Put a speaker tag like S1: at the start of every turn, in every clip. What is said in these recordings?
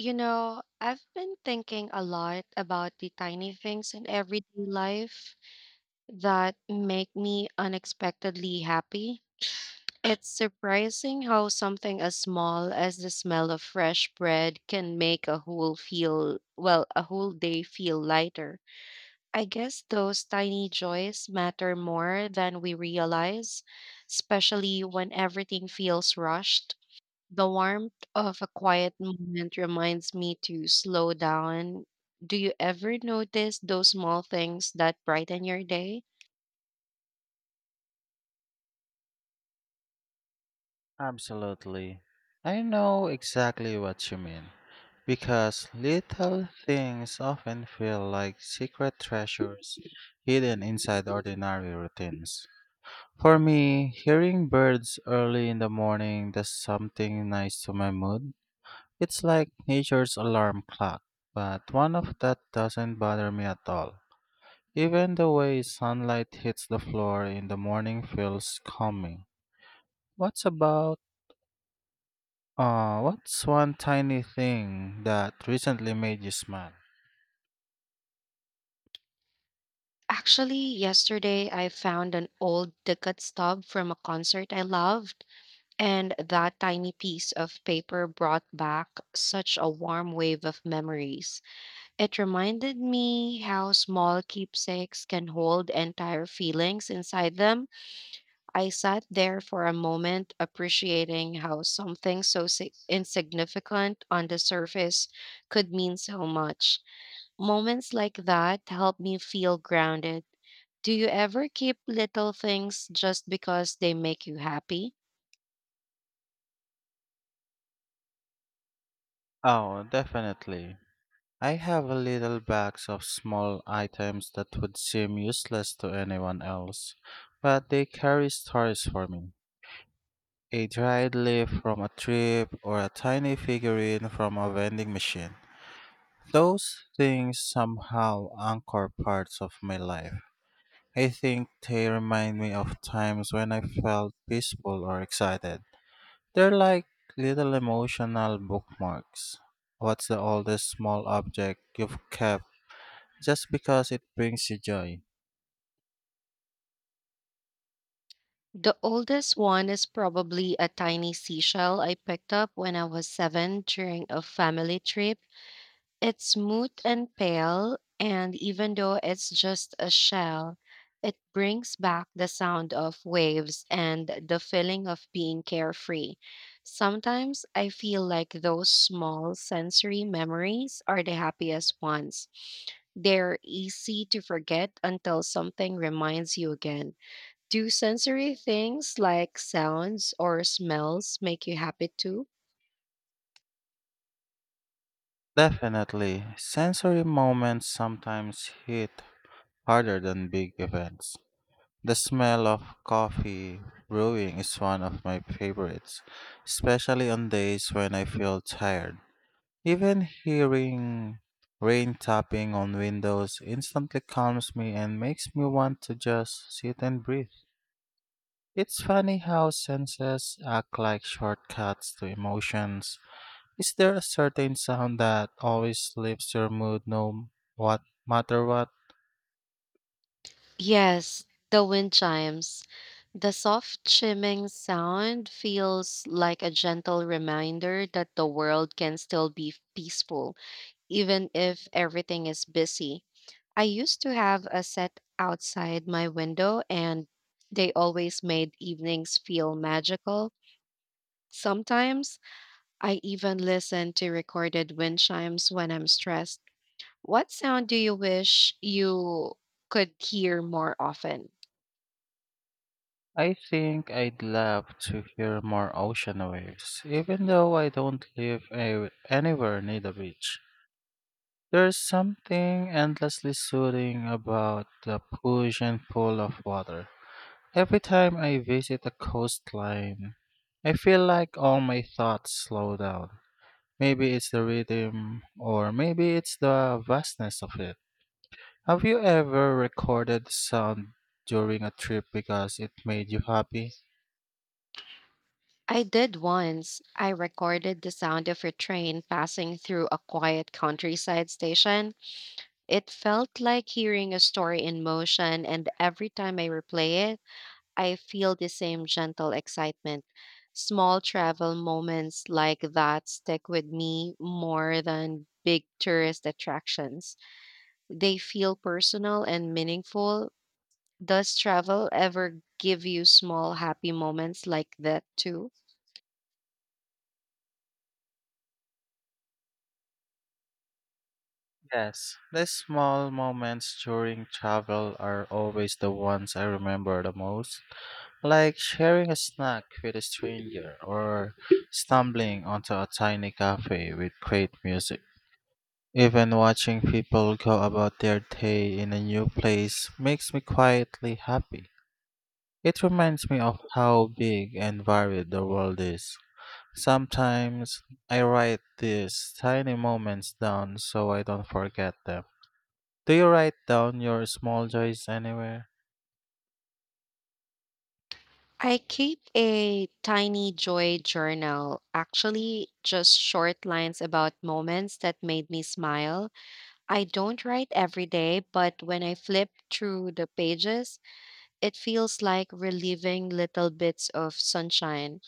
S1: You know, I've been thinking a lot about the tiny things in everyday life that make me unexpectedly happy. It's surprising how something as small as the smell of fresh bread can make a whole day feel lighter. I guess those tiny joys matter more than we realize, especially when everything feels rushed. The warmth of a quiet moment reminds me to slow down. Do you ever notice those small things that brighten your day?
S2: Absolutely. I know exactly what you mean. Because little things often feel like secret treasures hidden inside ordinary routines. For me, hearing birds early in the morning does something nice to my mood. It's like nature's alarm clock, but one of that doesn't bother me at all. Even the way sunlight hits the floor in the morning feels calming. What's about what's one tiny thing that recently made you smile?
S1: Actually, yesterday I found an old ticket stub from a concert I loved, and that tiny piece of paper brought back such a warm wave of memories. It reminded me how small keepsakes can hold entire feelings inside them. I sat there for a moment, appreciating how something so insignificant on the surface could mean so much. Moments like that help me feel grounded. Do you ever keep little things just because they make you happy?
S2: Oh, definitely. I have a little box of small items that would seem useless to anyone else, but they carry stories for me. A dried leaf from a trip or a tiny figurine from a vending machine. Those things somehow anchor parts of my life. I think they remind me of times when I felt peaceful or excited. They're like little emotional bookmarks. What's the oldest small object you've kept just because it brings you joy?
S1: The oldest one is probably a tiny seashell I picked up when I was seven during a family trip. It's smooth and pale, and even though it's just a shell, it brings back the sound of waves and the feeling of being carefree. Sometimes I feel like those small sensory memories are the happiest ones. They're easy to forget until something reminds you again. Do sensory things like sounds or smells make you happy too?
S2: Definitely, sensory moments sometimes hit harder than big events. The smell of coffee brewing is one of my favorites, especially on days when I feel tired. Even hearing rain tapping on windows instantly calms me and makes me want to just sit and breathe. It's funny how senses act like shortcuts to emotions. Is there a certain sound that always lifts your mood no what matter what?
S1: Yes, the wind chimes. The soft chiming sound feels like a gentle reminder that the world can still be peaceful, even if everything is busy. I used to have a set outside my window, and they always made evenings feel magical. Sometimes I even listen to recorded wind chimes when I'm stressed. What sound do you wish you could hear more often?
S2: I think I'd love to hear more ocean waves, even though I don't live anywhere near the beach. There's something endlessly soothing about the push and pull of water. Every time I visit a coastline, I feel like all my thoughts slow down. Maybe it's the rhythm, or maybe it's the vastness of it. Have you ever recorded sound during a trip because it made you happy?
S1: I did once. I recorded the sound of a train passing through a quiet countryside station. It felt like hearing a story in motion, and every time I replay it, I feel the same gentle excitement. Small travel moments like that stick with me more than big tourist attractions. They feel personal and meaningful. Does travel ever give you small happy moments like that too?
S2: Yes, the small moments during travel are always the ones I remember the most. Like sharing a snack with a stranger or stumbling onto a tiny cafe with great music. Even watching people go about their day in a new place makes me quietly happy. It reminds me of how big and varied the world is. Sometimes I write these tiny moments down so I don't forget them. Do you write down your small joys anywhere?
S1: I keep a tiny joy journal, actually, just short lines about moments that made me smile. I don't write every day, but when I flip through the pages, it feels like relieving little bits of sunshine.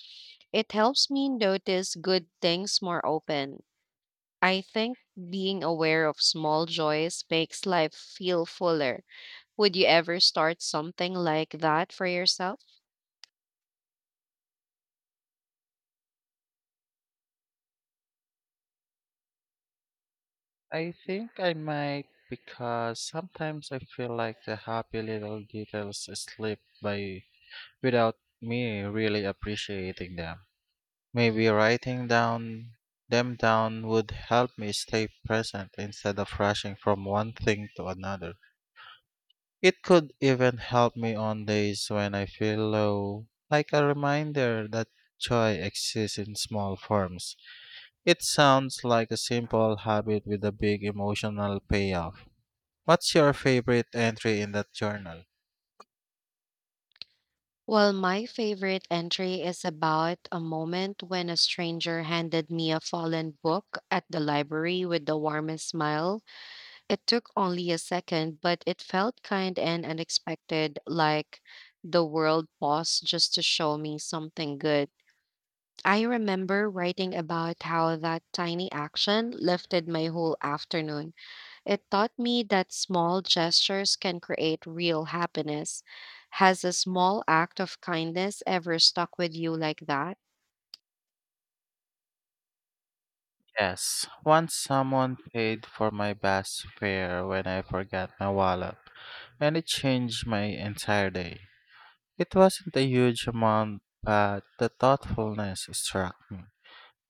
S1: It helps me notice good things more open. I think being aware of small joys makes life feel fuller. Would you ever start something like that for yourself?
S2: I think I might because sometimes I feel like the happy little details slip by without me really appreciating them. Maybe writing down them down would help me stay present instead of rushing from one thing to another. It could even help me on days when I feel low, like a reminder that joy exists in small forms. It sounds like a simple habit with a big emotional payoff. What's your favorite entry in that journal?
S1: Well, my favorite entry is about a moment when a stranger handed me a fallen book at the library with the warmest smile. It took only a second, but it felt kind and unexpected, like the world paused just to show me something good. I remember writing about how that tiny action lifted my whole afternoon. It taught me that small gestures can create real happiness. Has a small act of kindness ever stuck with you like that?
S2: Yes, once someone paid for my bus fare when I forgot my wallet, and it changed my entire day. It wasn't a huge amount, but the thoughtfulness struck me.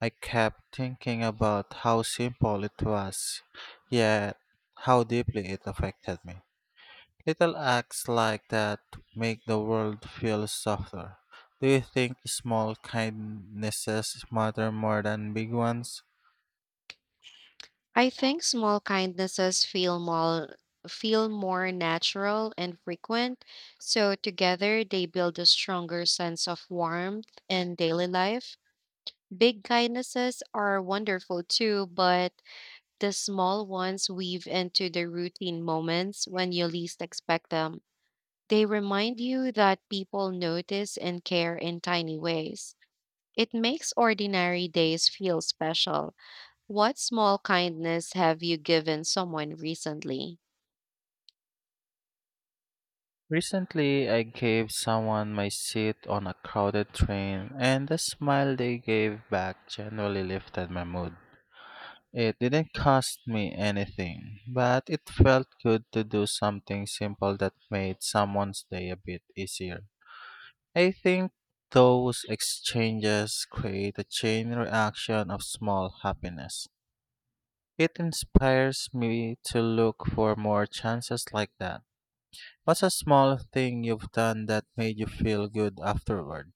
S2: I kept thinking about how simple it was, yet how deeply it affected me. Little acts like that make the world feel softer. Do you think small kindnesses matter more than big ones?
S1: I think small kindnesses feel more natural and frequent, so together they build a stronger sense of warmth in daily life. Big kindnesses are wonderful too, but the small ones weave into the routine moments when you least expect them. They remind you that people notice and care in tiny ways. It makes ordinary days feel special. What small kindness have you given someone recently?
S2: Recently, I gave someone my seat on a crowded train, and the smile they gave back generally lifted my mood. It didn't cost me anything, but it felt good to do something simple that made someone's day a bit easier. I think those exchanges create a chain reaction of small happiness. It inspires me to look for more chances like that. What's a small thing you've done that made you feel good afterward?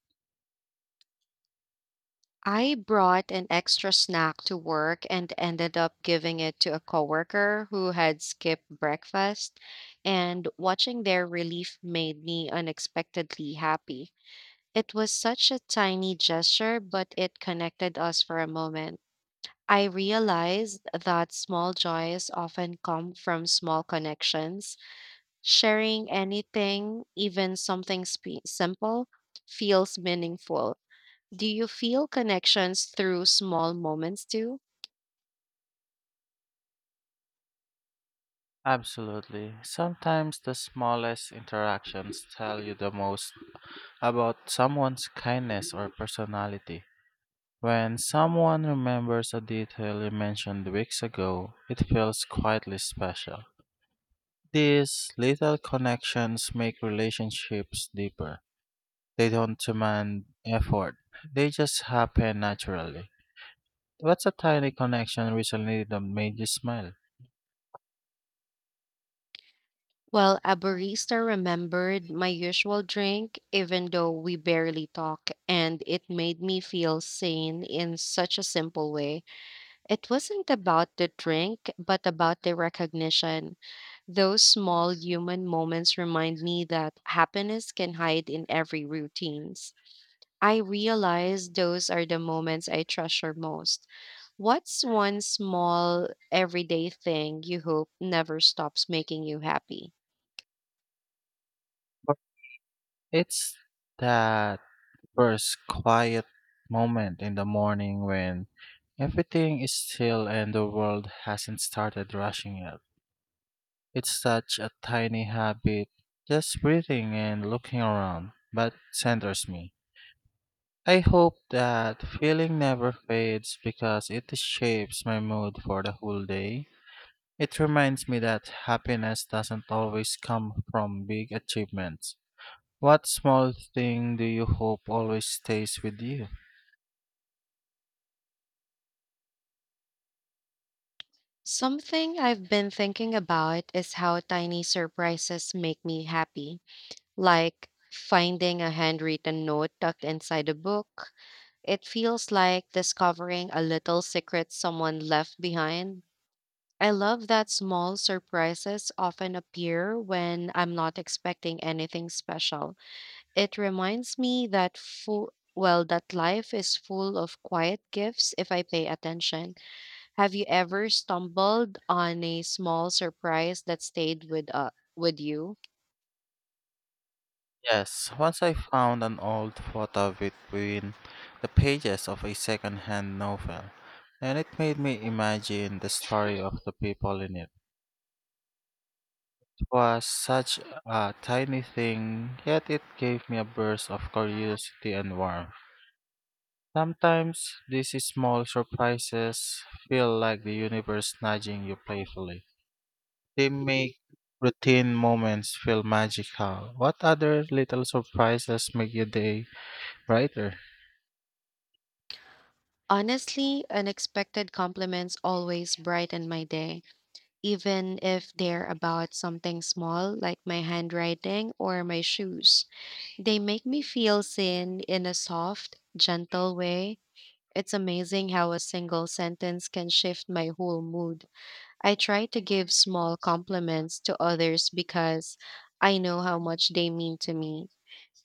S1: I brought an extra snack to work and ended up giving it to a coworker who had skipped breakfast, and watching their relief made me unexpectedly happy. It was such a tiny gesture, but it connected us for a moment. I realized that small joys often come from small connections. Sharing anything, even something simple, feels meaningful. Do you feel connections through small moments too?
S2: Absolutely. Sometimes the smallest interactions tell you the most about someone's kindness or personality. When someone remembers a detail you mentioned weeks ago, it feels quietly special. These little connections make relationships deeper. They don't demand effort, they just happen naturally. What's a tiny connection recently that made you smile?
S1: Well, a barista remembered my usual drink, even though we barely talk, and it made me feel seen in such a simple way. It wasn't about the drink, but about the recognition. Those small human moments remind me that happiness can hide in every routines. I realize those are the moments I treasure most. What's one small everyday thing you hope never stops making you happy?
S2: It's that first quiet moment in the morning when everything is still and the world hasn't started rushing yet. It's such a tiny habit, just breathing and looking around, but centers me. I hope that feeling never fades because it shapes my mood for the whole day. It reminds me that happiness doesn't always come from big achievements. What small thing do you hope always stays with you?
S1: Something I've been thinking about is how tiny surprises make me happy, like finding a handwritten note tucked inside a book. It feels like discovering a little secret someone left behind. I love that small surprises often appear when I'm not expecting anything special. It reminds me that full well that life is full of quiet gifts if I pay attention. Have you ever stumbled on a small surprise that stayed with you?
S2: Yes, once I found an old photo between the pages of a second-hand novel, and it made me imagine the story of the people in it. It was such a tiny thing, yet it gave me a burst of curiosity and warmth. Sometimes these small surprises feel like the universe nudging you playfully. They make routine moments feel magical. What other little surprises make your day brighter?
S1: Honestly, unexpected compliments always brighten my day, even if they're about something small like my handwriting or my shoes. They make me feel seen in a soft, gentle way. It's amazing how a single sentence can shift my whole mood. I try to give small compliments to others because I know how much they mean to me.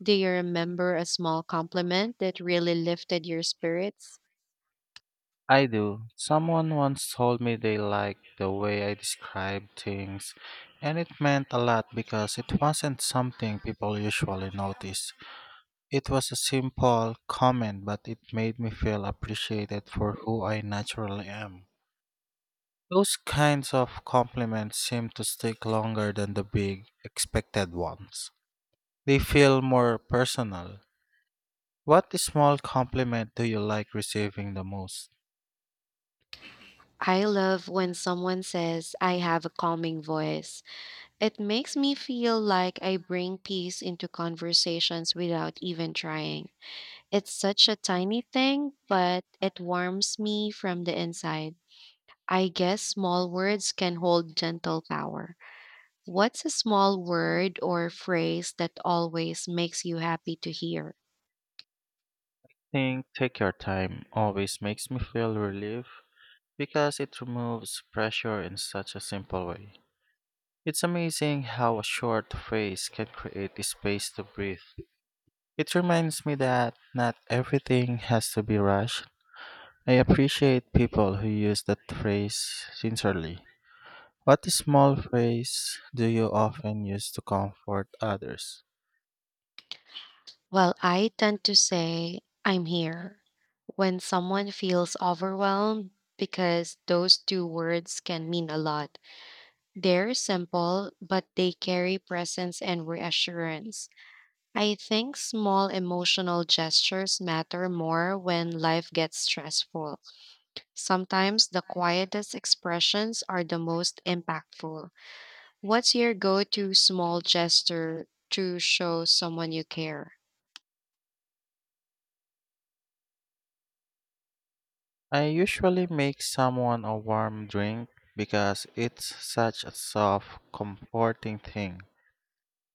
S1: Do you remember a small compliment that really lifted your spirits?
S2: I do. Someone once told me they liked the way I describe things, and it meant a lot because it wasn't something people usually notice. It was a simple comment, but it made me feel appreciated for who I naturally am. Those kinds of compliments seem to stick longer than the big, expected ones. They feel more personal. What small compliment do you like receiving the most?
S1: I love when someone says, "I have a calming voice." It makes me feel like I bring peace into conversations without even trying. It's such a tiny thing, but it warms me from the inside. I guess small words can hold gentle power. What's a small word or phrase that always makes you happy to hear?
S2: Think Take Your Time always makes me feel relief because it removes pressure in such a simple way. It's amazing how a short phrase can create the space to breathe. It reminds me that not everything has to be rushed. I appreciate people who use that phrase sincerely. What small phrase do you often use to comfort others?
S1: Well, I tend to say, "I'm here," when someone feels overwhelmed, because those two words can mean a lot. They're simple, but they carry presence and reassurance. I think small emotional gestures matter more when life gets stressful. Sometimes the quietest expressions are the most impactful. What's your go to small gesture to show someone you care?
S2: I usually make someone a warm drink because it's such a soft, comforting thing.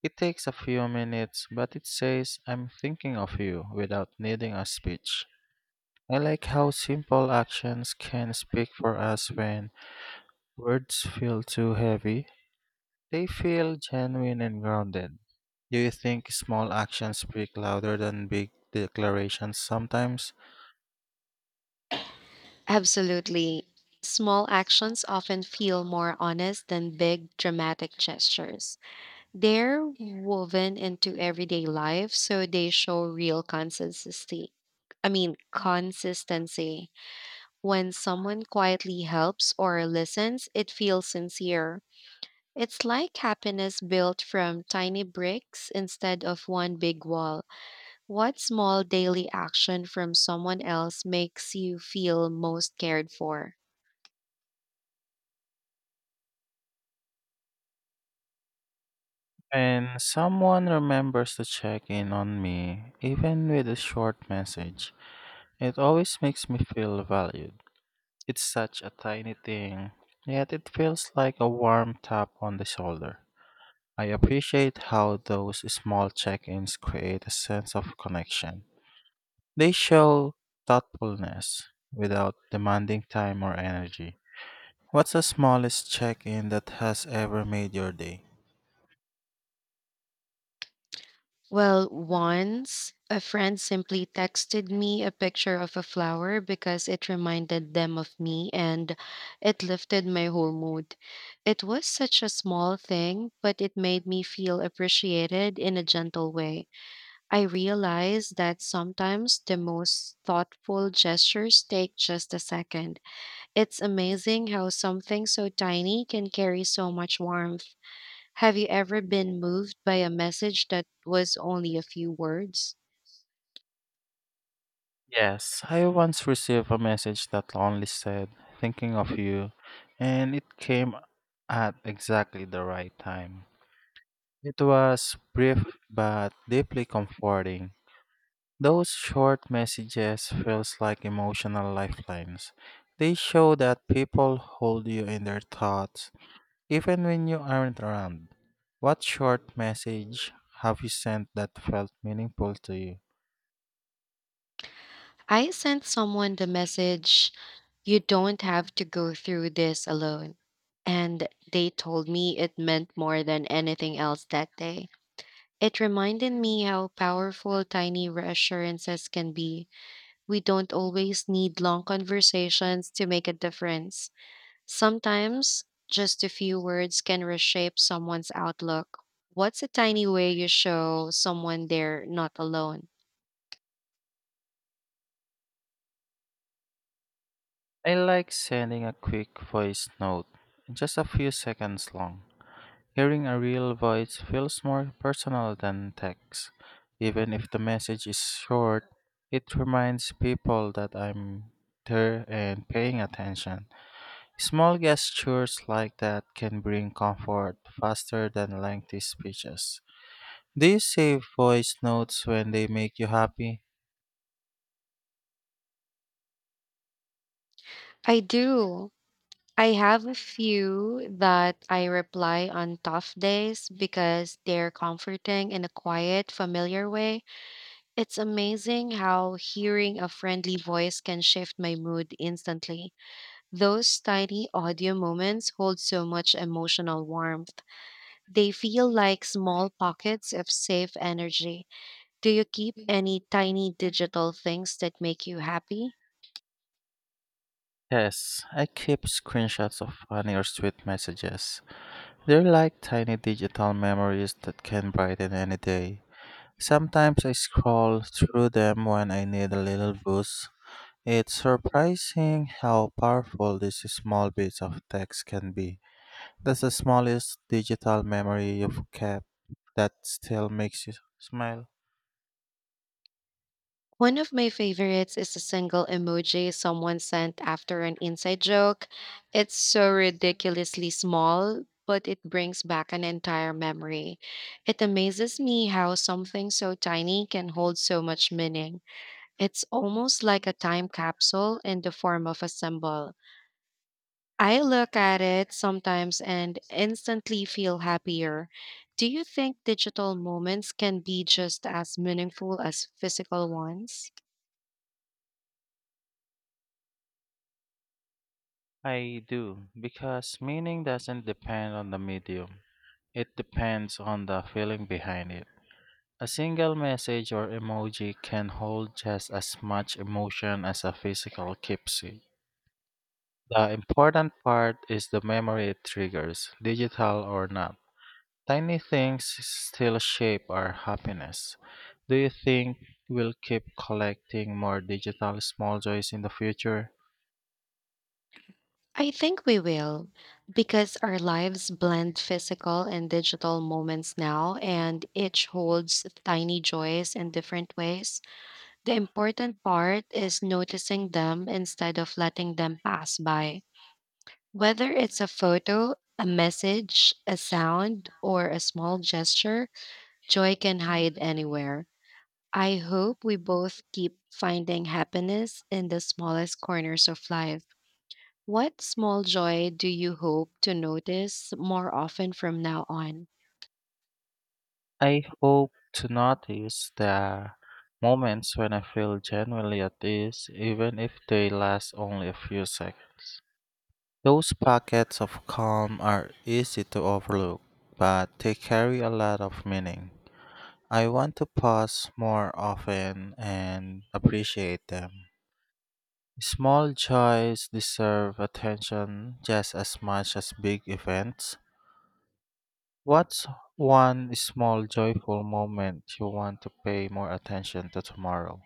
S2: It takes a few minutes, but it says, I'm thinking of you without needing a speech. I like how simple actions can speak for us when words feel too heavy. They feel genuine and grounded. Do you think small actions speak louder than big declarations sometimes?
S1: Absolutely. Small actions often feel more honest than big, dramatic gestures. They're woven into everyday life, so they show real consistency. I mean, consistency. When someone quietly helps or listens, it feels sincere. It's like happiness built from tiny bricks instead of one big wall. What small daily action from someone else makes you feel most cared for?
S2: When someone remembers to check in on me, even with a short message, it always makes me feel valued. It's such a tiny thing, yet it feels like a warm tap on the shoulder. I appreciate how those small check ins create a sense of connection. They show thoughtfulness without demanding time or energy. What's the smallest check in that has ever made your day?
S1: Well, once a friend simply texted me a picture of a flower because it reminded them of me, and it lifted my whole mood. It was such a small thing, but it made me feel appreciated in a gentle way. I realized that sometimes the most thoughtful gestures take just a second. It's amazing how something so tiny can carry so much warmth. Have you ever been moved by a message that was only a few words?
S2: Yes, I once received a message that only said, thinking of you, and it came at exactly the right time. It was brief but deeply comforting. Those short messages feels like emotional lifelines. They show that people hold you in their thoughts, even when you aren't around. What short message have you sent that felt meaningful to you?
S1: I sent someone the message, "You don't have to go through this alone." And they told me it meant more than anything else that day. It reminded me how powerful tiny reassurances can be. We don't always need long conversations to make a difference. Sometimes just a few words can reshape someone's outlook. What's a tiny way you show someone they're not alone?
S2: I like sending a quick voice note, just a few seconds long. Hearing a real voice feels more personal than text. Even if the message is short, it reminds people that I'm there and paying attention. Small gestures like that can bring comfort faster than lengthy speeches. Do you save voice notes when they make you happy?
S1: I do. I have a few that I reply on tough days because they're comforting in a quiet, familiar way. It's amazing how hearing a friendly voice can shift my mood instantly. Those tiny audio moments hold so much emotional warmth. They feel like small pockets of safe energy. Do you keep any tiny digital things that make you happy?
S2: Yes, I keep screenshots of funny or sweet messages. They're like tiny digital memories that can brighten any day. Sometimes I scroll through them when I need a little boost. It's surprising how powerful these small bits of text can be. That's the smallest digital memory you've kept that still makes you smile.
S1: One of my favorites is a single emoji someone sent after an inside joke. It's so ridiculously small, but it brings back an entire memory. It amazes me how something so tiny can hold so much meaning. It's almost like a time capsule in the form of a symbol. I look at it sometimes and instantly feel happier. Do you think digital moments can be just as meaningful as physical ones?
S2: I do, because meaning doesn't depend on the medium, it depends on the feeling behind it. A single message or emoji can hold just as much emotion as a physical keepsake. The important part is the memory it triggers, digital or not. Tiny things still shape our happiness. Do you think we'll keep collecting more digital small joys in the future?
S1: I think we will, because our lives blend physical and digital moments now, and each holds tiny joys in different ways. The important part is noticing them instead of letting them pass by. Whether it's a photo, a message, a sound, or a small gesture, joy can hide anywhere. I hope we both keep finding happiness in the smallest corners of life. What small joy do you hope to notice more often from now on?
S2: I hope to notice the moments when I feel genuinely at ease, even if they last only a few seconds. Those pockets of calm are easy to overlook, but they carry a lot of meaning. I want to pause more often and appreciate them. Small joys deserve attention just as much as big events. What's one small joyful moment you want to pay more attention to tomorrow?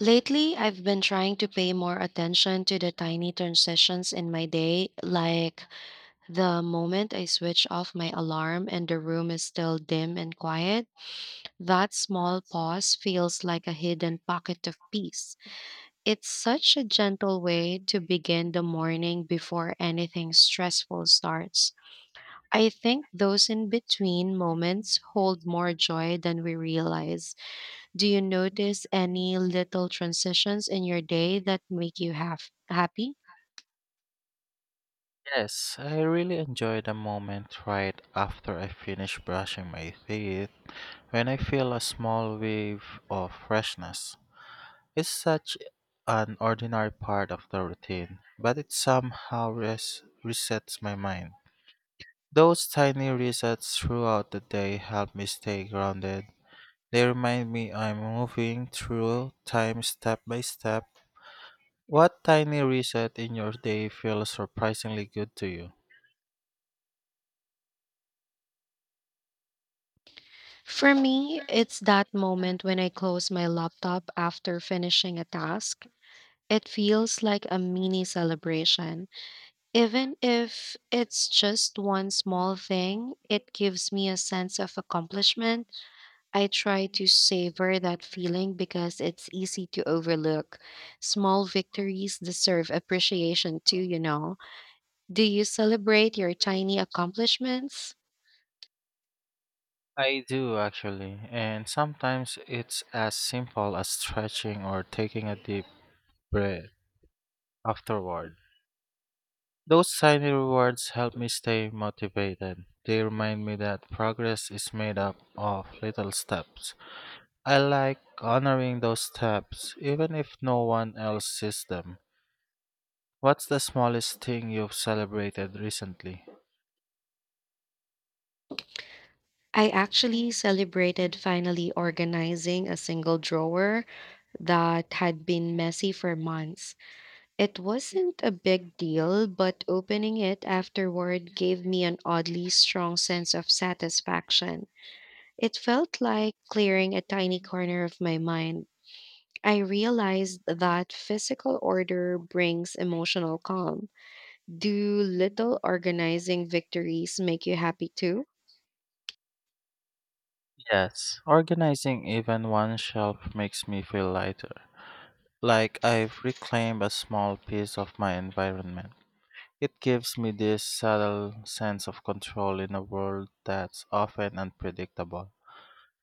S1: Lately, I've been trying to pay more attention to the tiny transitions in my day, like the moment I switch off my alarm and the room is still dim and quiet. That small pause feels like a hidden pocket of peace. It's such a gentle way to begin the morning before anything stressful starts. I think those in between moments hold more joy than we realize. Do you notice any little transitions in your day that make you have happy?
S2: Yes, I really enjoy the moment right after I finish brushing my teeth when I feel a small wave of freshness. It's such an ordinary part of the routine, but it somehow resets my mind. Those tiny resets throughout the day help me stay grounded. They remind me I'm moving through time step by step. What tiny reset in your day feels surprisingly good to you?
S1: For me, it's that moment when I close my laptop after finishing a task. It feels like a mini celebration. Even if it's just one small thing, it gives me a sense of accomplishment. I try to savor that feeling because it's easy to overlook. Small victories deserve appreciation too, you know. Do you celebrate your tiny accomplishments?
S2: I do actually, and sometimes it's as simple as stretching or taking a deep breath afterward. Those tiny rewards help me stay motivated. They remind me that progress is made up of little steps. I like honoring those steps, even if no one else sees them. What's the smallest thing you've celebrated recently?
S1: I actually celebrated finally organizing a single drawer that had been messy for months. It wasn't a big deal, but opening it afterward gave me an oddly strong sense of satisfaction. It felt like clearing a tiny corner of my mind. I realized that physical order brings emotional calm. Do little organizing victories make you happy too?
S2: Yes, organizing even one shelf makes me feel lighter, like I've reclaimed a small piece of my environment. It gives me this subtle sense of control in a world that's often unpredictable.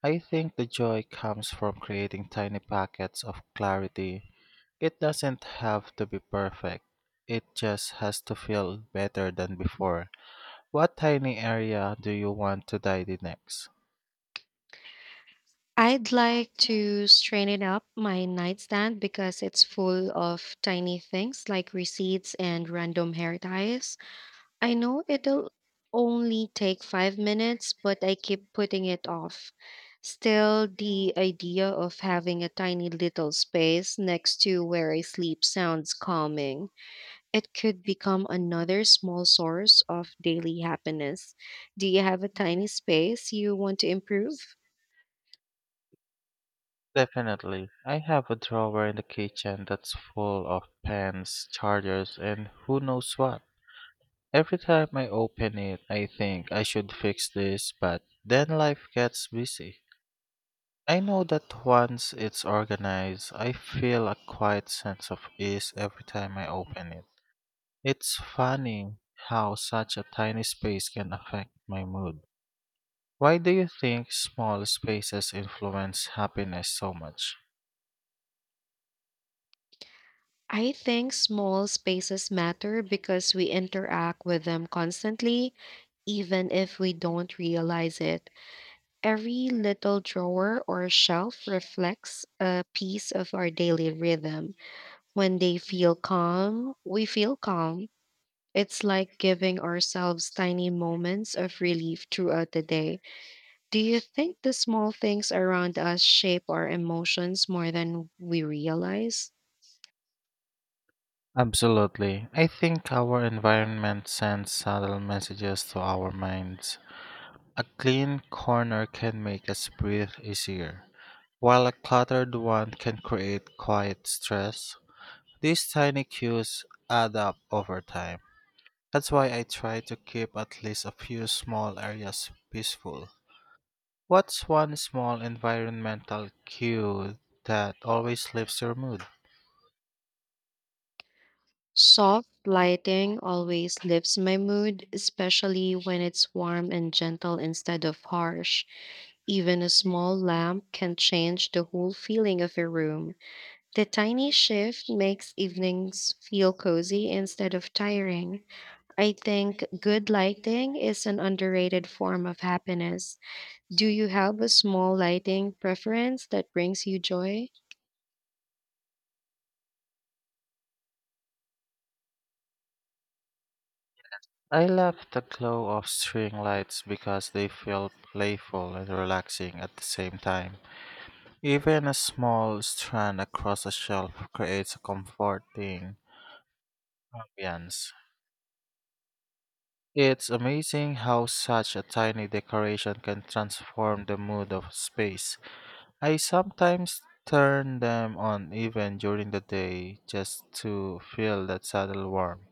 S2: I think the joy comes from creating tiny packets of clarity. It doesn't have to be perfect, it just has to feel better than before. What tiny area do you want to tidy next?
S1: I'd like to straighten up my nightstand because it's full of tiny things like receipts and random hair ties. I know it'll only take 5 minutes, but I keep putting it off. Still, the idea of having a tiny little space next to where I sleep sounds calming. It could become another small source of daily happiness. Do you have a tiny space you want to improve?
S2: Definitely. I have a drawer in the kitchen that's full of pens, chargers, and who knows what. Every time I open it, I think I should fix this, but then life gets busy. I know that once it's organized, I feel a quiet sense of ease every time I open it. It's funny how such a tiny space can affect my mood. Why do you think small spaces influence happiness so much?
S1: I think small spaces matter because we interact with them constantly, even if we don't realize it. Every little drawer or shelf reflects a piece of our daily rhythm. When they feel calm, we feel calm. It's like giving ourselves tiny moments of relief throughout the day. Do you think the small things around us shape our emotions more than we realize?
S2: Absolutely. I think our environment sends subtle messages to our minds. A clean corner can make us breathe easier, while a cluttered one can create quiet stress. These tiny cues add up over time. That's why I try to keep at least a few small areas peaceful. What's one small environmental cue that always lifts your mood?
S1: Soft lighting always lifts my mood, especially when it's warm and gentle instead of harsh. Even a small lamp can change the whole feeling of a room. The tiny shift makes evenings feel cozy instead of tiring. I think good lighting is an underrated form of happiness. Do you have a small lighting preference that brings you joy?
S2: I love the glow of string lights because they feel playful and relaxing at the same time. Even a small strand across a shelf creates a comforting ambiance. It's amazing how such a tiny decoration can transform the mood of a space. I sometimes turn them on even during the day just to feel that subtle warmth.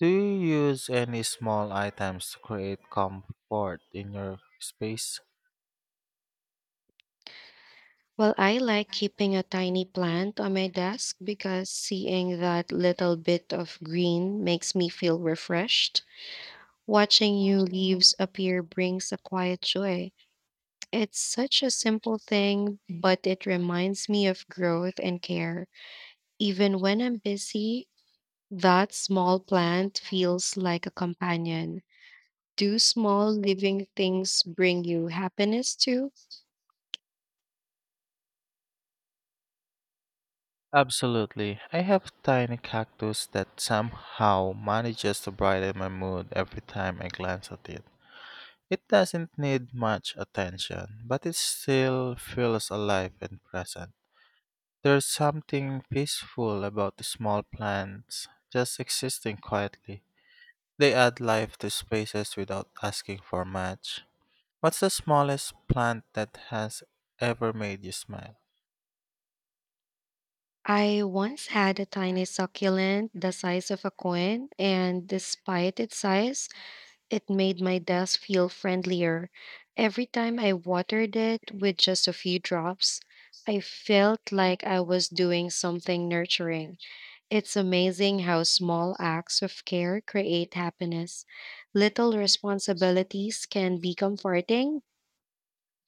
S2: Do you use any small items to create comfort in your space?
S1: Well, I like keeping a tiny plant on my desk because seeing that little bit of green makes me feel refreshed. Watching new leaves appear brings a quiet joy. It's such a simple thing, but it reminds me of growth and care. Even when I'm busy, that small plant feels like a companion. Do small living things bring you happiness too?
S2: Absolutely. I have tiny cactus that somehow manages to brighten my mood every time I glance at it. It doesn't need much attention, but it still feels alive and present. There's something peaceful about the small plants just existing quietly. They add life to spaces without asking for much. What's the smallest plant that has ever made you smile?
S1: I once had a tiny succulent the size of a coin, and despite its size, it made my desk feel friendlier. Every time I watered it with just a few drops, I felt like I was doing something nurturing. It's amazing how small acts of care create happiness. Little responsibilities can be comforting.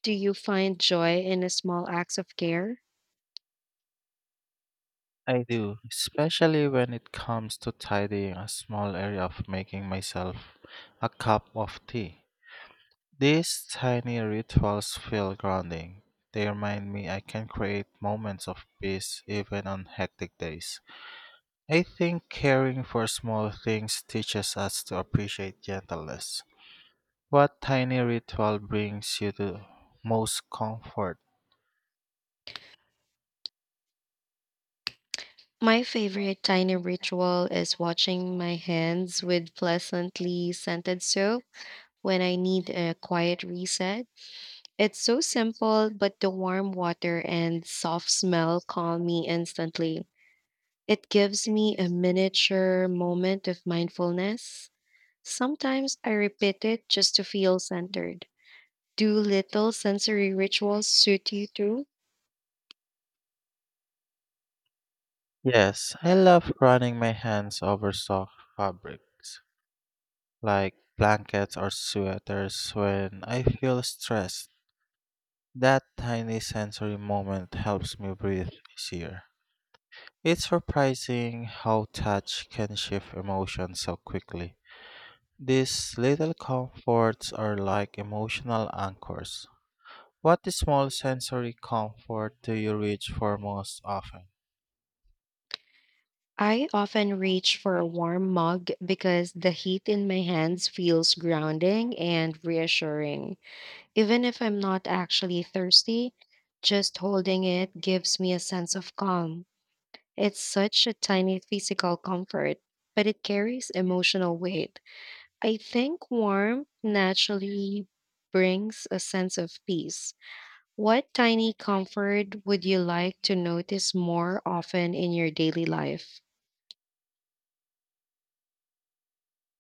S1: Do you find joy in a small acts of care?
S2: I do, especially when it comes to tidying a small area of making myself a cup of tea. These tiny rituals feel grounding. They remind me I can create moments of peace even on hectic days. I think caring for small things teaches us to appreciate gentleness. What tiny ritual brings you the most comfort?
S1: My favorite tiny ritual is washing my hands with pleasantly scented soap when I need a quiet reset. It's so simple, but the warm water and soft smell calm me instantly. It gives me a miniature moment of mindfulness. Sometimes I repeat it just to feel centered. Do little sensory rituals suit you too?
S2: Yes, I love running my hands over soft fabrics, like blankets or sweaters when I feel stressed. That tiny sensory moment helps me breathe easier. It's surprising how touch can shift emotion so quickly. These little comforts are like emotional anchors. What small sensory comfort do you reach for most often?
S1: I often reach for a warm mug because the heat in my hands feels grounding and reassuring. Even if I'm not actually thirsty, just holding it gives me a sense of calm. It's such a tiny physical comfort, but it carries emotional weight. I think warmth naturally brings a sense of peace. What tiny comfort would you like to notice more often in your daily life?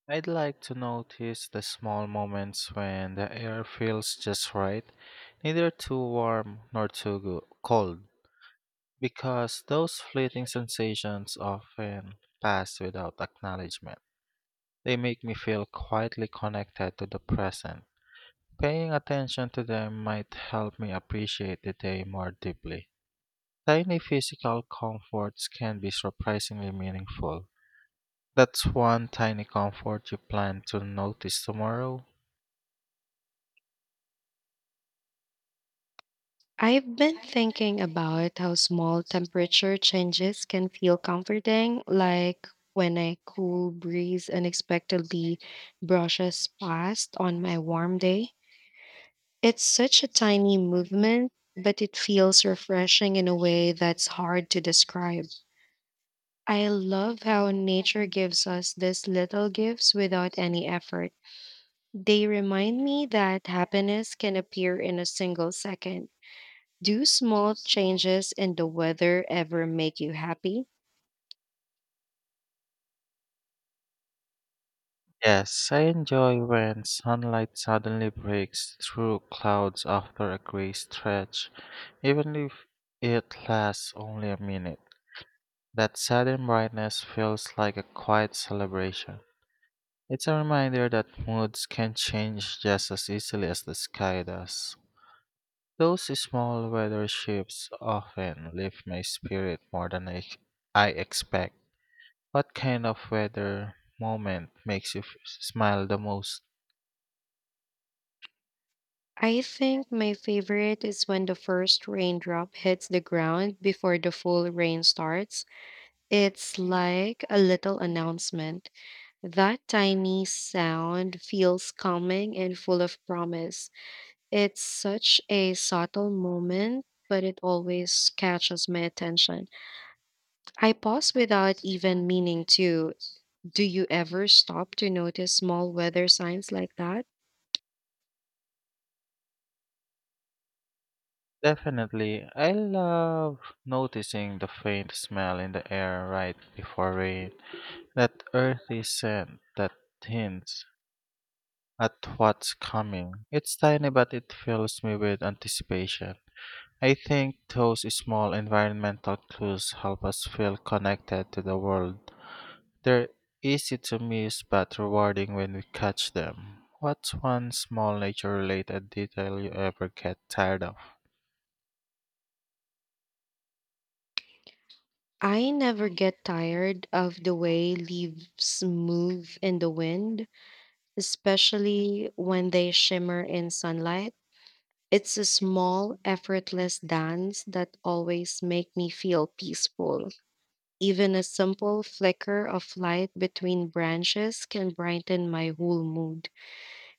S2: I'd like to notice the small moments when the air feels just right, neither too warm nor cold, because those fleeting sensations often pass without acknowledgement. They make me feel quietly connected to the present. Paying attention to them might help me appreciate the day more deeply. Tiny physical comforts can be surprisingly meaningful. That's one tiny comfort you plan to notice tomorrow.
S1: I've been thinking about how small temperature changes can feel comforting, like when a cool breeze unexpectedly brushes past on my warm day. It's such a tiny movement, but it feels refreshing in a way that's hard to describe. I love how nature gives us these little gifts without any effort. They remind me that happiness can appear in a single second. Do small changes in the weather ever make you happy?
S2: Yes, I enjoy when sunlight suddenly breaks through clouds after a gray stretch, even if it lasts only a minute. That sudden brightness feels like a quiet celebration. It's a reminder that moods can change just as easily as the sky does. Those small weather shifts often lift my spirit more than I expect. What kind of weather moment makes you smile the most?
S1: I think my favorite is when the first raindrop hits the ground before the full rain starts. It's like a little announcement. That tiny sound feels calming and full of promise. It's such a subtle moment, but it always catches my attention. I pause without even meaning to. Do you ever stop to notice small weather signs like that?
S2: Definitely. I love noticing the faint smell in the air right before rain, that earthy scent that hints at what's coming. It's tiny, but it fills me with anticipation. I think those small environmental clues help us feel connected to the world. They're easy to miss, but rewarding when we catch them. What's one small nature related detail you ever get tired of?
S1: I never get tired of the way leaves move in the wind, especially when they shimmer in sunlight. It's a small, effortless dance that always make me feel peaceful. Even a simple flicker of light between branches can brighten my whole mood.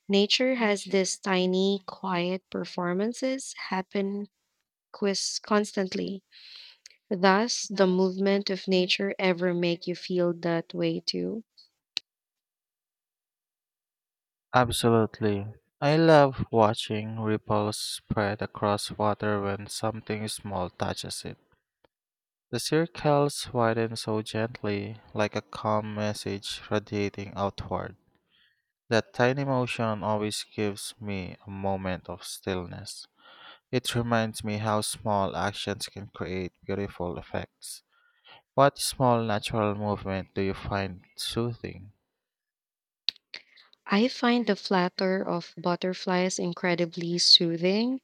S1: Nature has these tiny, quiet performances happen constantly. Thus, the movement of nature ever make you feel that way too.
S2: Absolutely. I love watching ripples spread across water when something small touches it. The circles widen so gently, like a calm message radiating outward. That tiny motion always gives me a moment of stillness. It reminds me how small actions can create beautiful effects. What small natural movement do you find soothing?
S1: I find the flutter of butterflies incredibly soothing,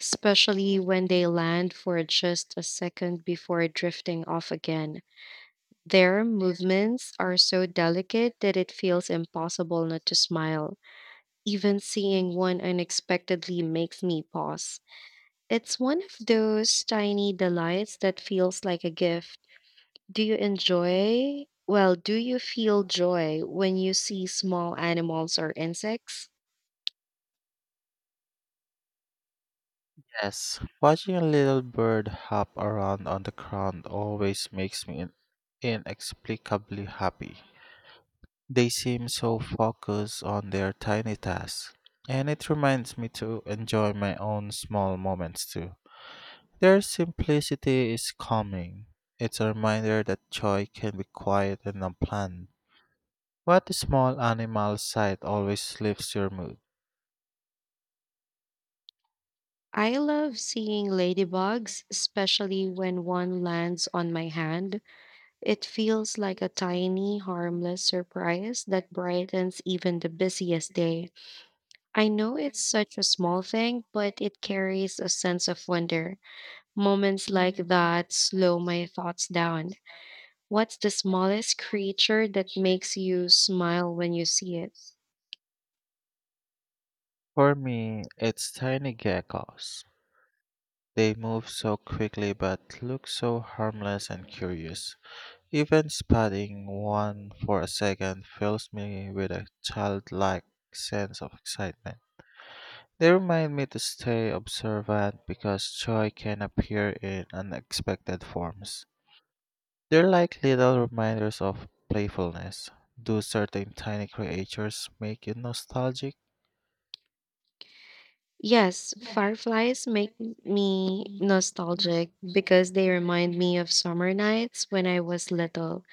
S1: especially when they land for just a second before drifting off again. Their movements are so delicate that it feels impossible not to smile. Even seeing one unexpectedly makes me pause. It's one of those tiny delights that feels like a gift. Do you feel joy when you see small animals or insects?
S2: Yes, watching a little bird hop around on the ground always makes me inexplicably happy. They seem so focused on their tiny tasks, and it reminds me to enjoy my own small moments too. Their simplicity is calming. It's a reminder that joy can be quiet and unplanned. What small animal sight always lifts your mood?
S1: I love seeing ladybugs, especially when one lands on my hand. It feels like a tiny, harmless surprise that brightens even the busiest day. I know it's such a small thing, but it carries a sense of wonder. Moments like that slow my thoughts down. What's the smallest creature that makes you smile when you see it?
S2: For me, it's tiny geckos. They move so quickly but look so harmless and curious. Even spotting one for a second fills me with a childlike sense of excitement. They remind me to stay observant because joy can appear in unexpected forms. They're like little reminders of playfulness. Do certain tiny creatures make you nostalgic?
S1: Yes, fireflies make me nostalgic because they remind me of summer nights when I was little.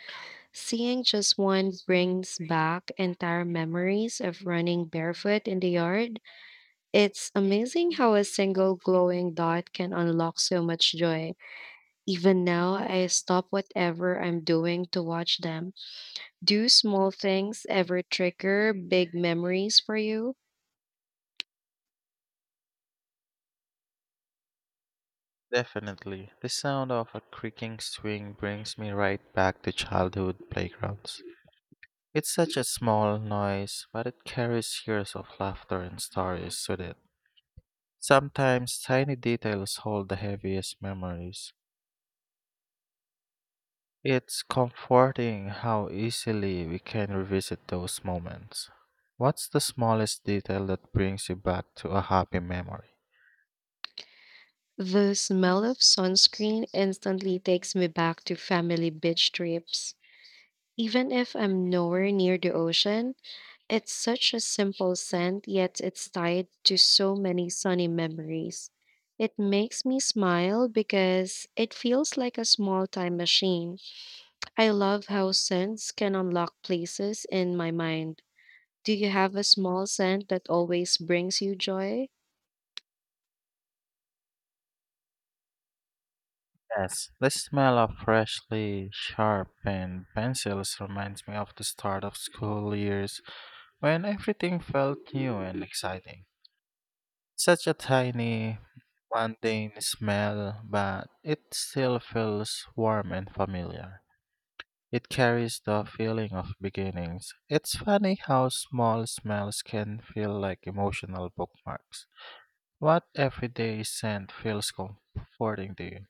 S1: Seeing just one brings back entire memories of running barefoot in the yard. It's amazing how a single glowing dot can unlock so much joy. Even now, I stop whatever I'm doing to watch them. Do small things ever trigger big memories for you?
S2: Definitely. The sound of a creaking swing brings me right back to childhood playgrounds. It's such a small noise, but it carries years of laughter and stories with it. Sometimes tiny details hold the heaviest memories. It's comforting how easily we can revisit those moments. What's the smallest detail that brings you back to a happy memory?
S1: The smell of sunscreen instantly takes me back to family beach trips. Even if I'm nowhere near the ocean, it's such a simple scent, yet it's tied to so many sunny memories. It makes me smile because it feels like a small time machine. I love how scents can unlock places in my mind. Do you have a small scent that always brings you joy?
S2: Yes, the smell of freshly sharpened pencils reminds me of the start of school years when everything felt new and exciting. Such a tiny, mundane smell, but it still feels warm and familiar. It carries the feeling of beginnings. It's funny how small smells can feel like emotional bookmarks. What everyday scent feels comforting to you?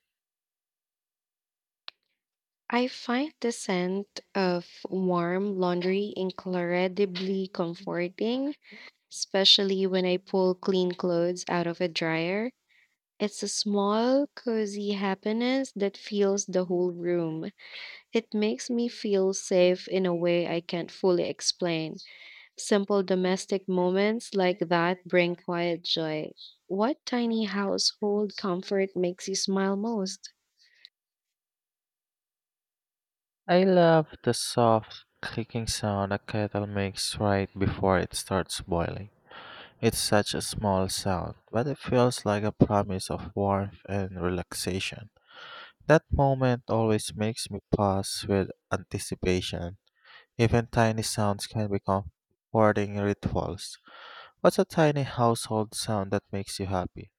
S1: I find the scent of warm laundry incredibly comforting, especially when I pull clean clothes out of a dryer. It's a small, cozy happiness that fills the whole room. It makes me feel safe in a way I can't fully explain. Simple domestic moments like that bring quiet joy. What tiny household comfort makes you smile most?
S2: I love the soft clicking sound a kettle makes right before it starts boiling. It's such a small sound, but it feels like a promise of warmth and relaxation. That moment always makes me pause with anticipation. Even tiny sounds can become comforting rituals. What's a tiny household sound that makes you happy?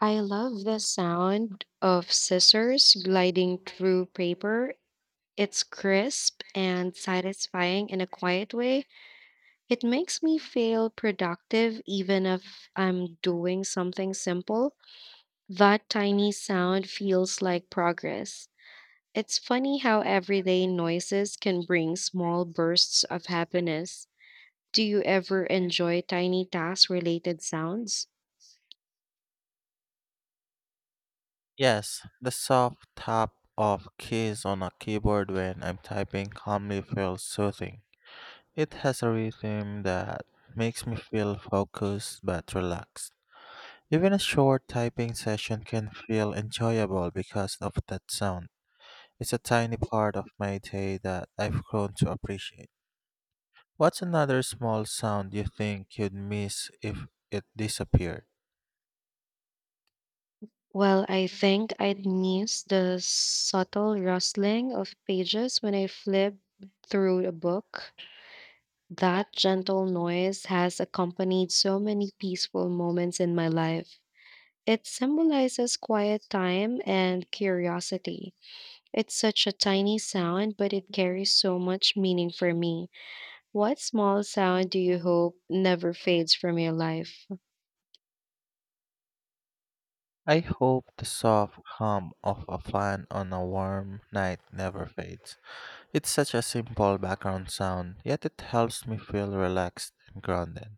S1: I love the sound of scissors gliding through paper. It's crisp and satisfying in a quiet way. It makes me feel productive even if I'm doing something simple. That tiny sound feels like progress. It's funny how everyday noises can bring small bursts of happiness. Do you ever enjoy tiny task related sounds?
S2: Yes, the soft tap of keys on a keyboard when I'm typing calmly feels soothing. It has a rhythm that makes me feel focused but relaxed. Even a short typing session can feel enjoyable because of that sound. It's a tiny part of my day that I've grown to appreciate. What's another small sound you think you'd miss if it disappeared?
S1: Well, I think I'd miss the subtle rustling of pages when I flip through a book. That gentle noise has accompanied so many peaceful moments in my life. It symbolizes quiet time and curiosity. It's such a tiny sound, but it carries so much meaning for me. What small sound do you hope never fades from your life?
S2: I hope the soft hum of a fan on a warm night never fades. It's such a simple background sound, yet it helps me feel relaxed and grounded.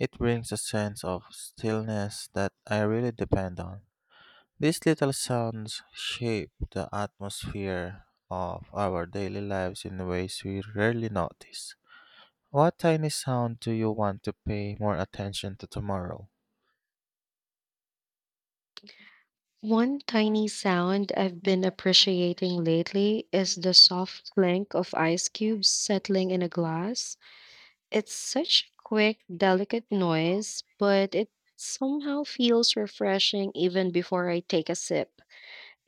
S2: It brings a sense of stillness that I really depend on. These little sounds shape the atmosphere of our daily lives in ways we rarely notice. What tiny sound do you want to pay more attention to tomorrow?
S1: One tiny sound I've been appreciating lately is the soft clink of ice cubes settling in a glass. It's such a quick, delicate noise, but it somehow feels refreshing even before I take a sip.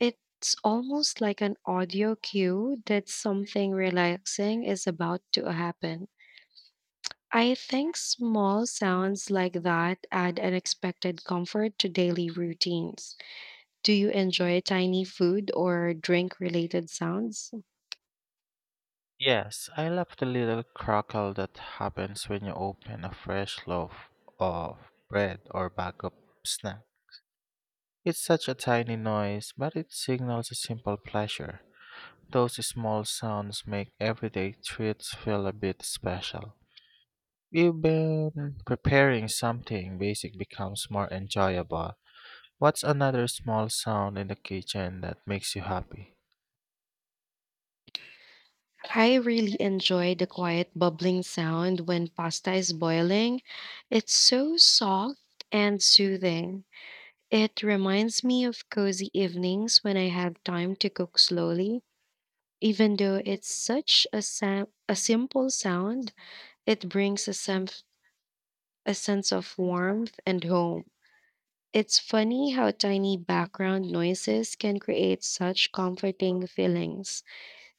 S1: It's almost like an audio cue that something relaxing is about to happen. I think small sounds like that add unexpected comfort to daily routines. Do you enjoy tiny food or drink related sounds?
S2: Yes, I love the little crackle that happens when you open a fresh loaf of bread or bag of snack. It's such a tiny noise, but it signals a simple pleasure. Those small sounds make everyday treats feel a bit special. Even preparing something basic becomes more enjoyable. What's another small sound in the kitchen that makes you happy?
S1: I really enjoy the quiet bubbling sound when pasta is boiling. It's so soft and soothing. It reminds me of cozy evenings when I have time to cook slowly. Even though it's such a, a simple sound, it brings a sense of warmth and home. It's funny how tiny background noises can create such comforting feelings.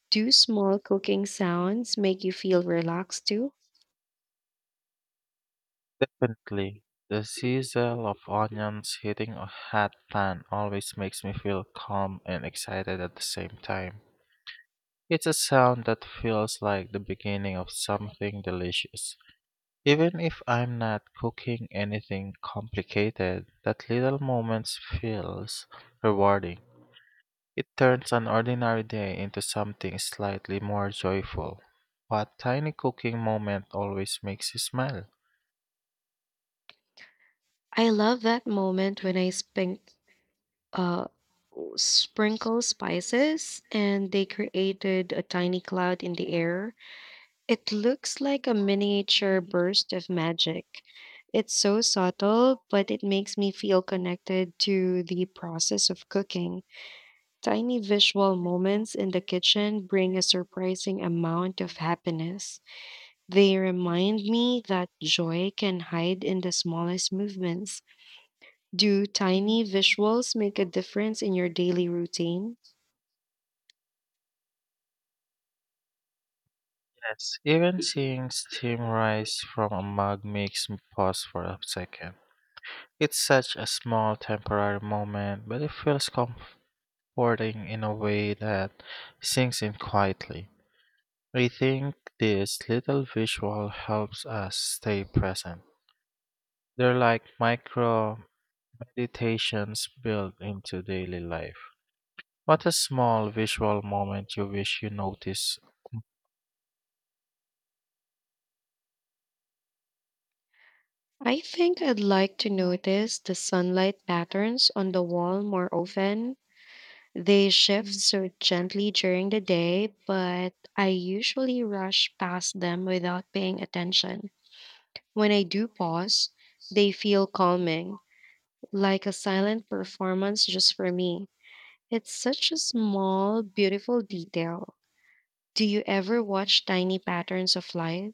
S1: Do small cooking sounds make you feel relaxed too?
S2: Definitely. The sizzle of onions hitting a hot pan always makes me feel calm and excited at the same time. It's a sound that feels like the beginning of something delicious. Even if I'm not cooking anything complicated, that little moment feels rewarding. It turns an ordinary day into something slightly more joyful. What tiny cooking moment always makes you smile?
S1: I love that moment when I uh, sprinkle spices and they created a tiny cloud in the air. It looks like a miniature burst of magic. It's so subtle, but it makes me feel connected to the process of cooking. Tiny visual moments in the kitchen bring a surprising amount of happiness. They remind me that joy can hide in the smallest movements. Do tiny visuals make a difference in your daily routine?
S2: Yes, even seeing steam rise from a mug makes me pause for a second. It's such a small temporary moment, but it feels comforting in a way that sinks in quietly. I think this little visual helps us stay present. They're like micro meditations built into daily life. What a small visual moment you wish you noticed.
S1: I think I'd like to notice the sunlight patterns on the wall more often. They shift so gently during the day, but I usually rush past them without paying attention. When I do pause, they feel calming, like a silent performance just for me. It's such a small, beautiful detail. Do you ever watch tiny patterns of light?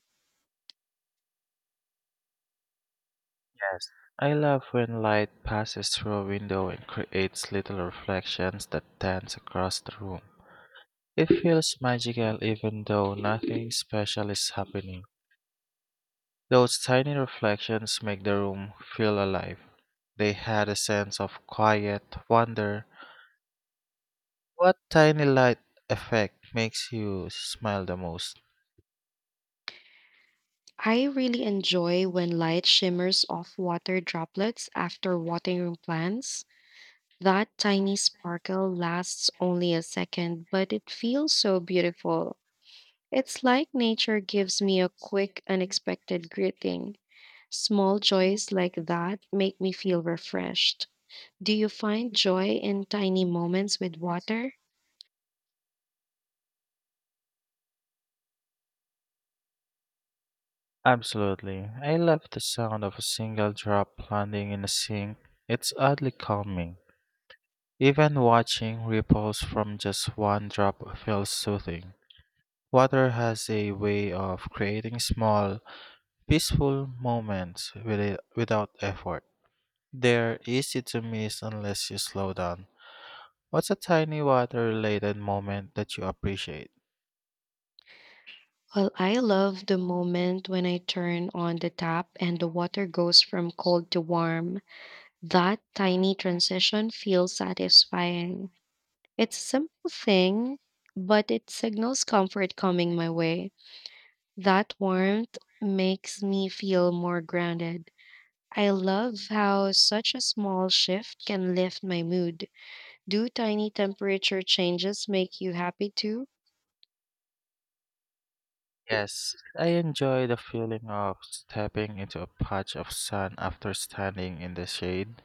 S2: Yes. I love when light passes through a window and creates little reflections that dance across the room. It feels magical even though nothing special is happening. Those tiny reflections make the room feel alive. They had a sense of quiet wonder. What tiny light effect makes you smile the most?
S1: I really enjoy when light shimmers off water droplets after watering plants. That tiny sparkle lasts only a second, but it feels so beautiful. It's like nature gives me a quick, unexpected greeting. Small joys like that make me feel refreshed. Do you find joy in tiny moments with water?
S2: Absolutely. I love the sound of a single drop landing in a sink. It's oddly calming. Even watching ripples from just one drop feels soothing. Water has a way of creating small, peaceful moments with it, without effort. They're easy to miss unless you slow down. What's a tiny water related moment that you appreciate?
S1: Well, I love the moment when I turn on the tap and the water goes from cold to warm. That tiny transition feels satisfying. It's a simple thing, but it signals comfort coming my way. That warmth makes me feel more grounded. I love how such a small shift can lift my mood. Do tiny temperature changes make you happy too?
S2: Yes, I enjoy the feeling of stepping into a patch of sun after standing in the shade.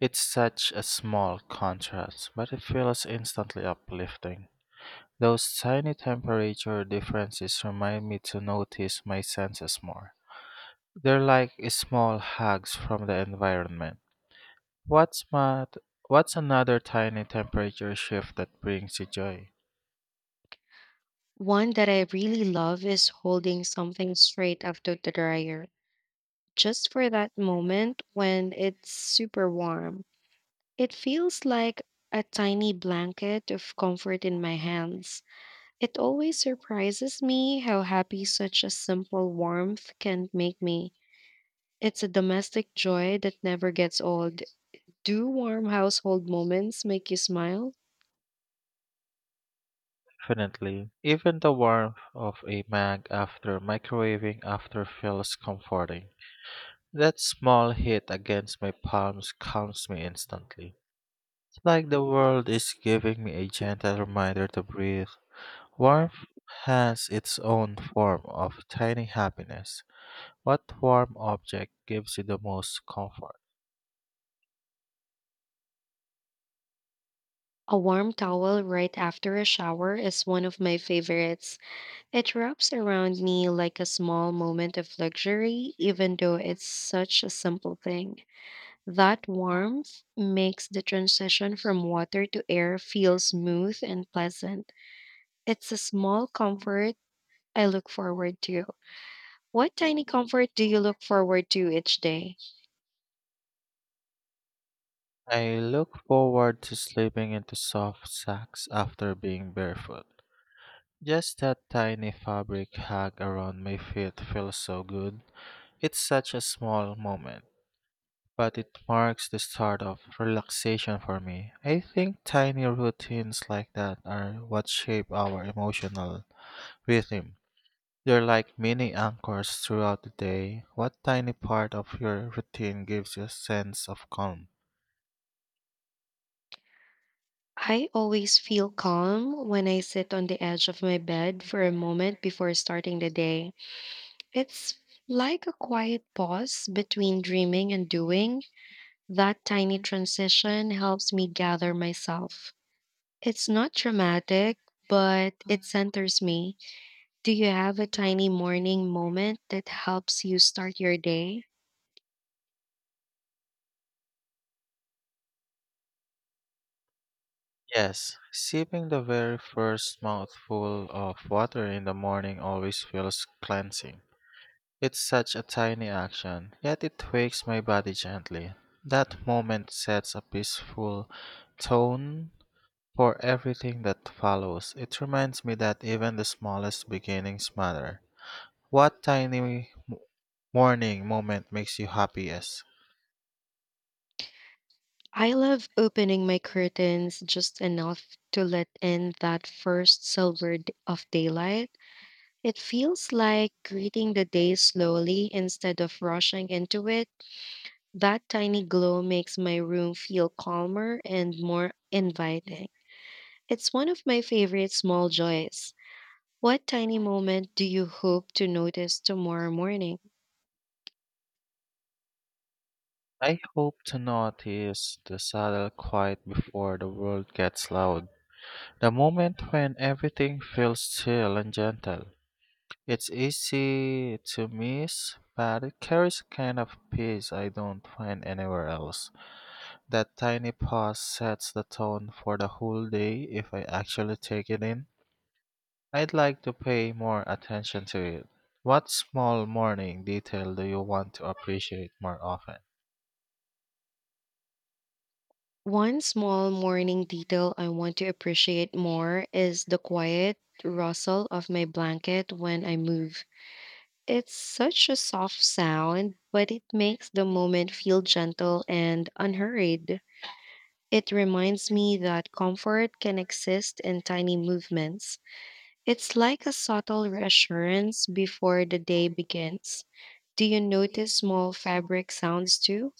S2: It's such a small contrast, but it feels instantly uplifting. Those tiny temperature differences remind me to notice my senses more. They're like small hugs from the environment. What's, mad, what's another tiny temperature shift that brings you joy?
S1: One that I really love is holding something straight after the dryer, just for that moment when it's super warm. It feels like a tiny blanket of comfort in my hands. It always surprises me how happy such a simple warmth can make me. It's a domestic joy that never gets old. Do warm household moments make you smile?
S2: Definitely. Even the warmth of a mug after microwaving after feels comforting. That small hit against my palms calms me instantly. It's like the world is giving me a gentle reminder to breathe. Warmth has its own form of tiny happiness. What warm object gives you the most comfort?
S1: A warm towel right after a shower is one of my favorites. It wraps around me like a small moment of luxury, even though it's such a simple thing. That warmth makes the transition from water to air feel smooth and pleasant. It's a small comfort I look forward to. What tiny comfort do you look forward to each day?
S2: I look forward to sleeping into soft sacks after being barefoot. Just that tiny fabric hug around my feet feels so good. It's such a small moment, but it marks the start of relaxation for me. I think tiny routines like that are what shape our emotional rhythm. They're like mini anchors throughout the day. What tiny part of your routine gives you a sense of calm?
S1: I always feel calm when I sit on the edge of my bed for a moment before starting the day. It's like a quiet pause between dreaming and doing. That tiny transition helps me gather myself. It's not dramatic, but it centers me. Do you have a tiny morning moment that helps you start your day?
S2: Yes, sipping the very first mouthful of water in the morning always feels cleansing. It's such a tiny action, yet it wakes my body gently. That moment sets a peaceful tone for everything that follows. It reminds me that even the smallest beginnings matter. What tiny morning moment makes you happiest?
S1: I love opening my curtains just enough to let in that first silver d- of daylight. It feels like greeting the day slowly instead of rushing into it. That tiny glow makes my room feel calmer and more inviting. It's one of my favorite small joys. What tiny moment do you hope to notice tomorrow morning?
S2: I hope to notice the subtle quiet before the world gets loud, the moment when everything feels chill and gentle. It's easy to miss, but it carries a kind of peace I don't find anywhere else. That tiny pause sets the tone for the whole day if I actually take it in. I'd like to pay more attention to it. What small morning detail do you want to appreciate more often?
S1: One small morning detail I want to appreciate more is the quiet rustle of my blanket when I move. It's such a soft sound, but it makes the moment feel gentle and unhurried. It reminds me that comfort can exist in tiny movements. It's like a subtle reassurance before the day begins. Do you notice small fabric sounds too?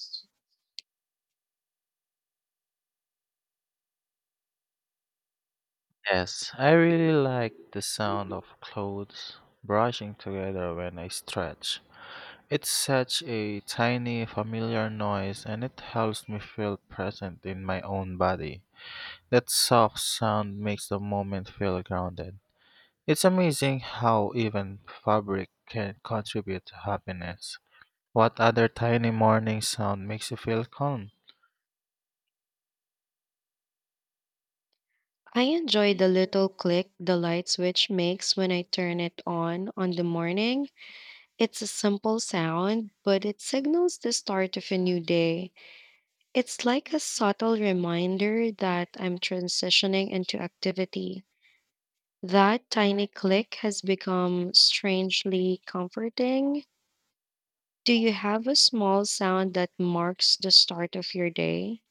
S2: Yes, I really like the sound of clothes brushing together when I stretch. It's such a tiny, familiar noise, and it helps me feel present in my own body. That soft sound makes the moment feel grounded. It's amazing how even fabric can contribute to happiness. What other tiny morning sound makes you feel calm?
S1: I enjoy the little click the light switch makes when I turn it on the morning. It's a simple sound, but it signals the start of a new day. It's like a subtle reminder that I'm transitioning into activity. That tiny click has become strangely comforting. Do you have a small sound that marks the start of your day?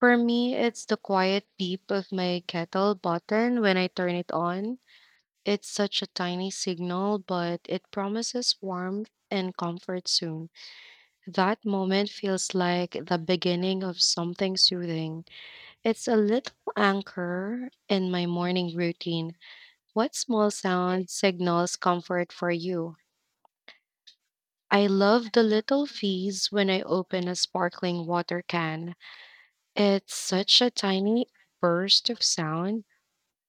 S1: For me, it's the quiet beep of my kettle button when I turn it on. It's such a tiny signal, but it promises warmth and comfort soon. That moment feels like the beginning of something soothing. It's a little anchor in my morning routine. What small sound signals comfort for you? I love the little fizz when I open a sparkling water can. It's such a tiny burst of sound,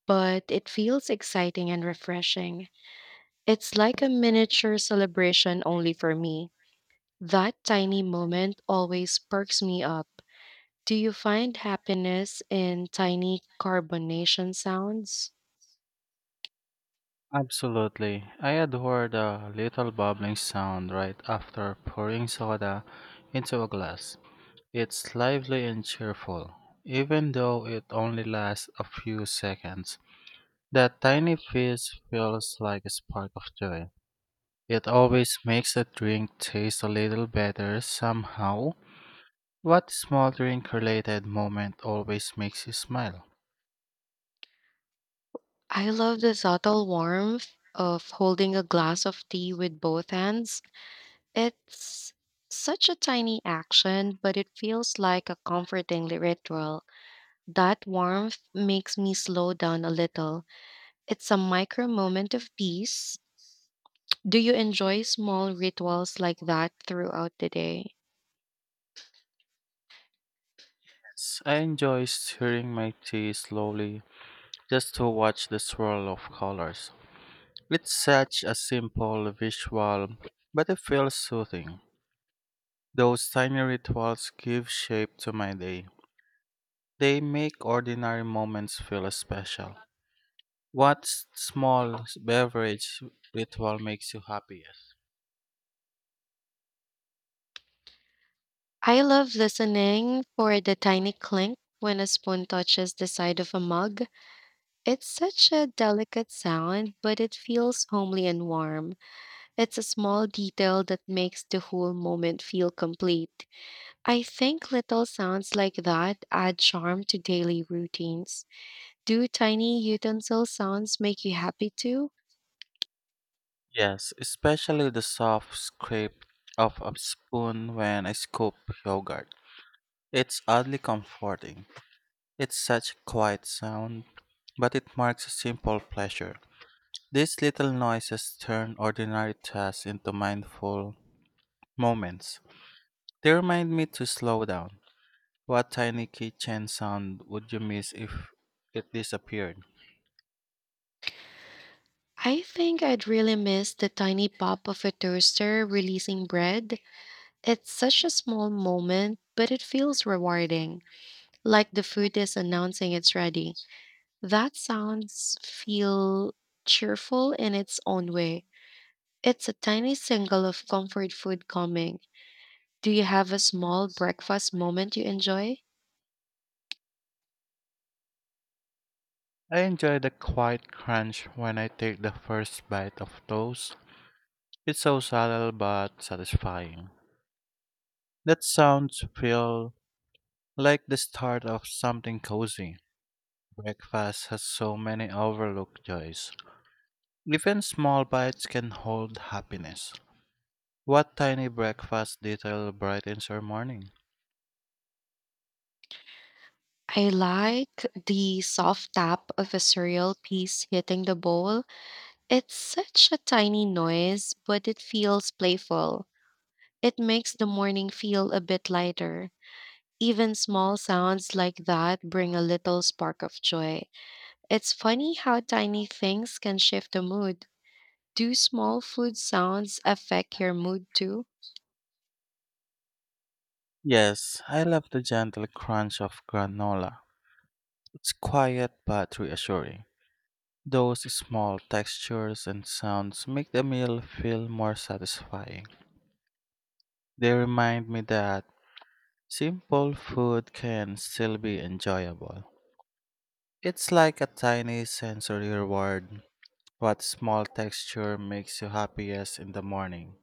S1: but it feels exciting and refreshing. It's like a miniature celebration only for me. That tiny moment always perks me up. Do you find happiness in tiny carbonation sounds?
S2: Absolutely. I adore the little bubbling sound right after pouring soda into a glass. It's lively and cheerful, even though it only lasts a few seconds. That tiny fizz feels like a spark of joy. It always makes a drink taste a little better somehow. What small drink related moment always makes you smile?
S1: I love the subtle warmth of holding a glass of tea with both hands. It's such a tiny action, but it feels like a comforting ritual. That warmth makes me slow down a little. It's a micro moment of peace. Do you enjoy small rituals like that throughout the day?
S2: Yes, I enjoy stirring my tea slowly just to watch the swirl of colors. It's such a simple visual, but it feels soothing. Those tiny rituals give shape to my day. They make ordinary moments feel special. What small beverage ritual makes you happiest?
S1: I love listening for the tiny clink when a spoon touches the side of a mug. It's such a delicate sound, but it feels homely and warm. It's a small detail that makes the whole moment feel complete. I think little sounds like that add charm to daily routines. Do tiny utensil sounds make you happy too?
S2: Yes, especially the soft scrape of a spoon when I scoop yogurt. It's oddly comforting. It's such a quiet sound, but it marks a simple pleasure. These little noises turn ordinary tasks into mindful moments. They remind me to slow down. What tiny kitchen sound would you miss if it disappeared?
S1: I think I'd really miss the tiny pop of a toaster releasing bread. It's such a small moment, but it feels rewarding, like the food is announcing it's ready. That sounds feel cheerful in its own way. It's a tiny single of comfort food coming. Do you have a small breakfast moment you enjoy?
S2: I enjoy the quiet crunch when I take the first bite of toast. It's so subtle but satisfying. That sounds feel like the start of something cozy. Breakfast has so many overlooked joys. Even small bites can hold happiness. What tiny breakfast detail brightens your morning?
S1: I like the soft tap of a cereal piece hitting the bowl. It's such a tiny noise, but it feels playful. It makes the morning feel a bit lighter. Even small sounds like that bring a little spark of joy. It's funny how tiny things can shift the mood. Do small food sounds affect your mood too?
S2: Yes, I love the gentle crunch of granola. It's quiet but reassuring. Those small textures and sounds make the meal feel more satisfying. They remind me that simple food can still be enjoyable. It's like a tiny sensory reward. What small texture makes you happiest in the morning?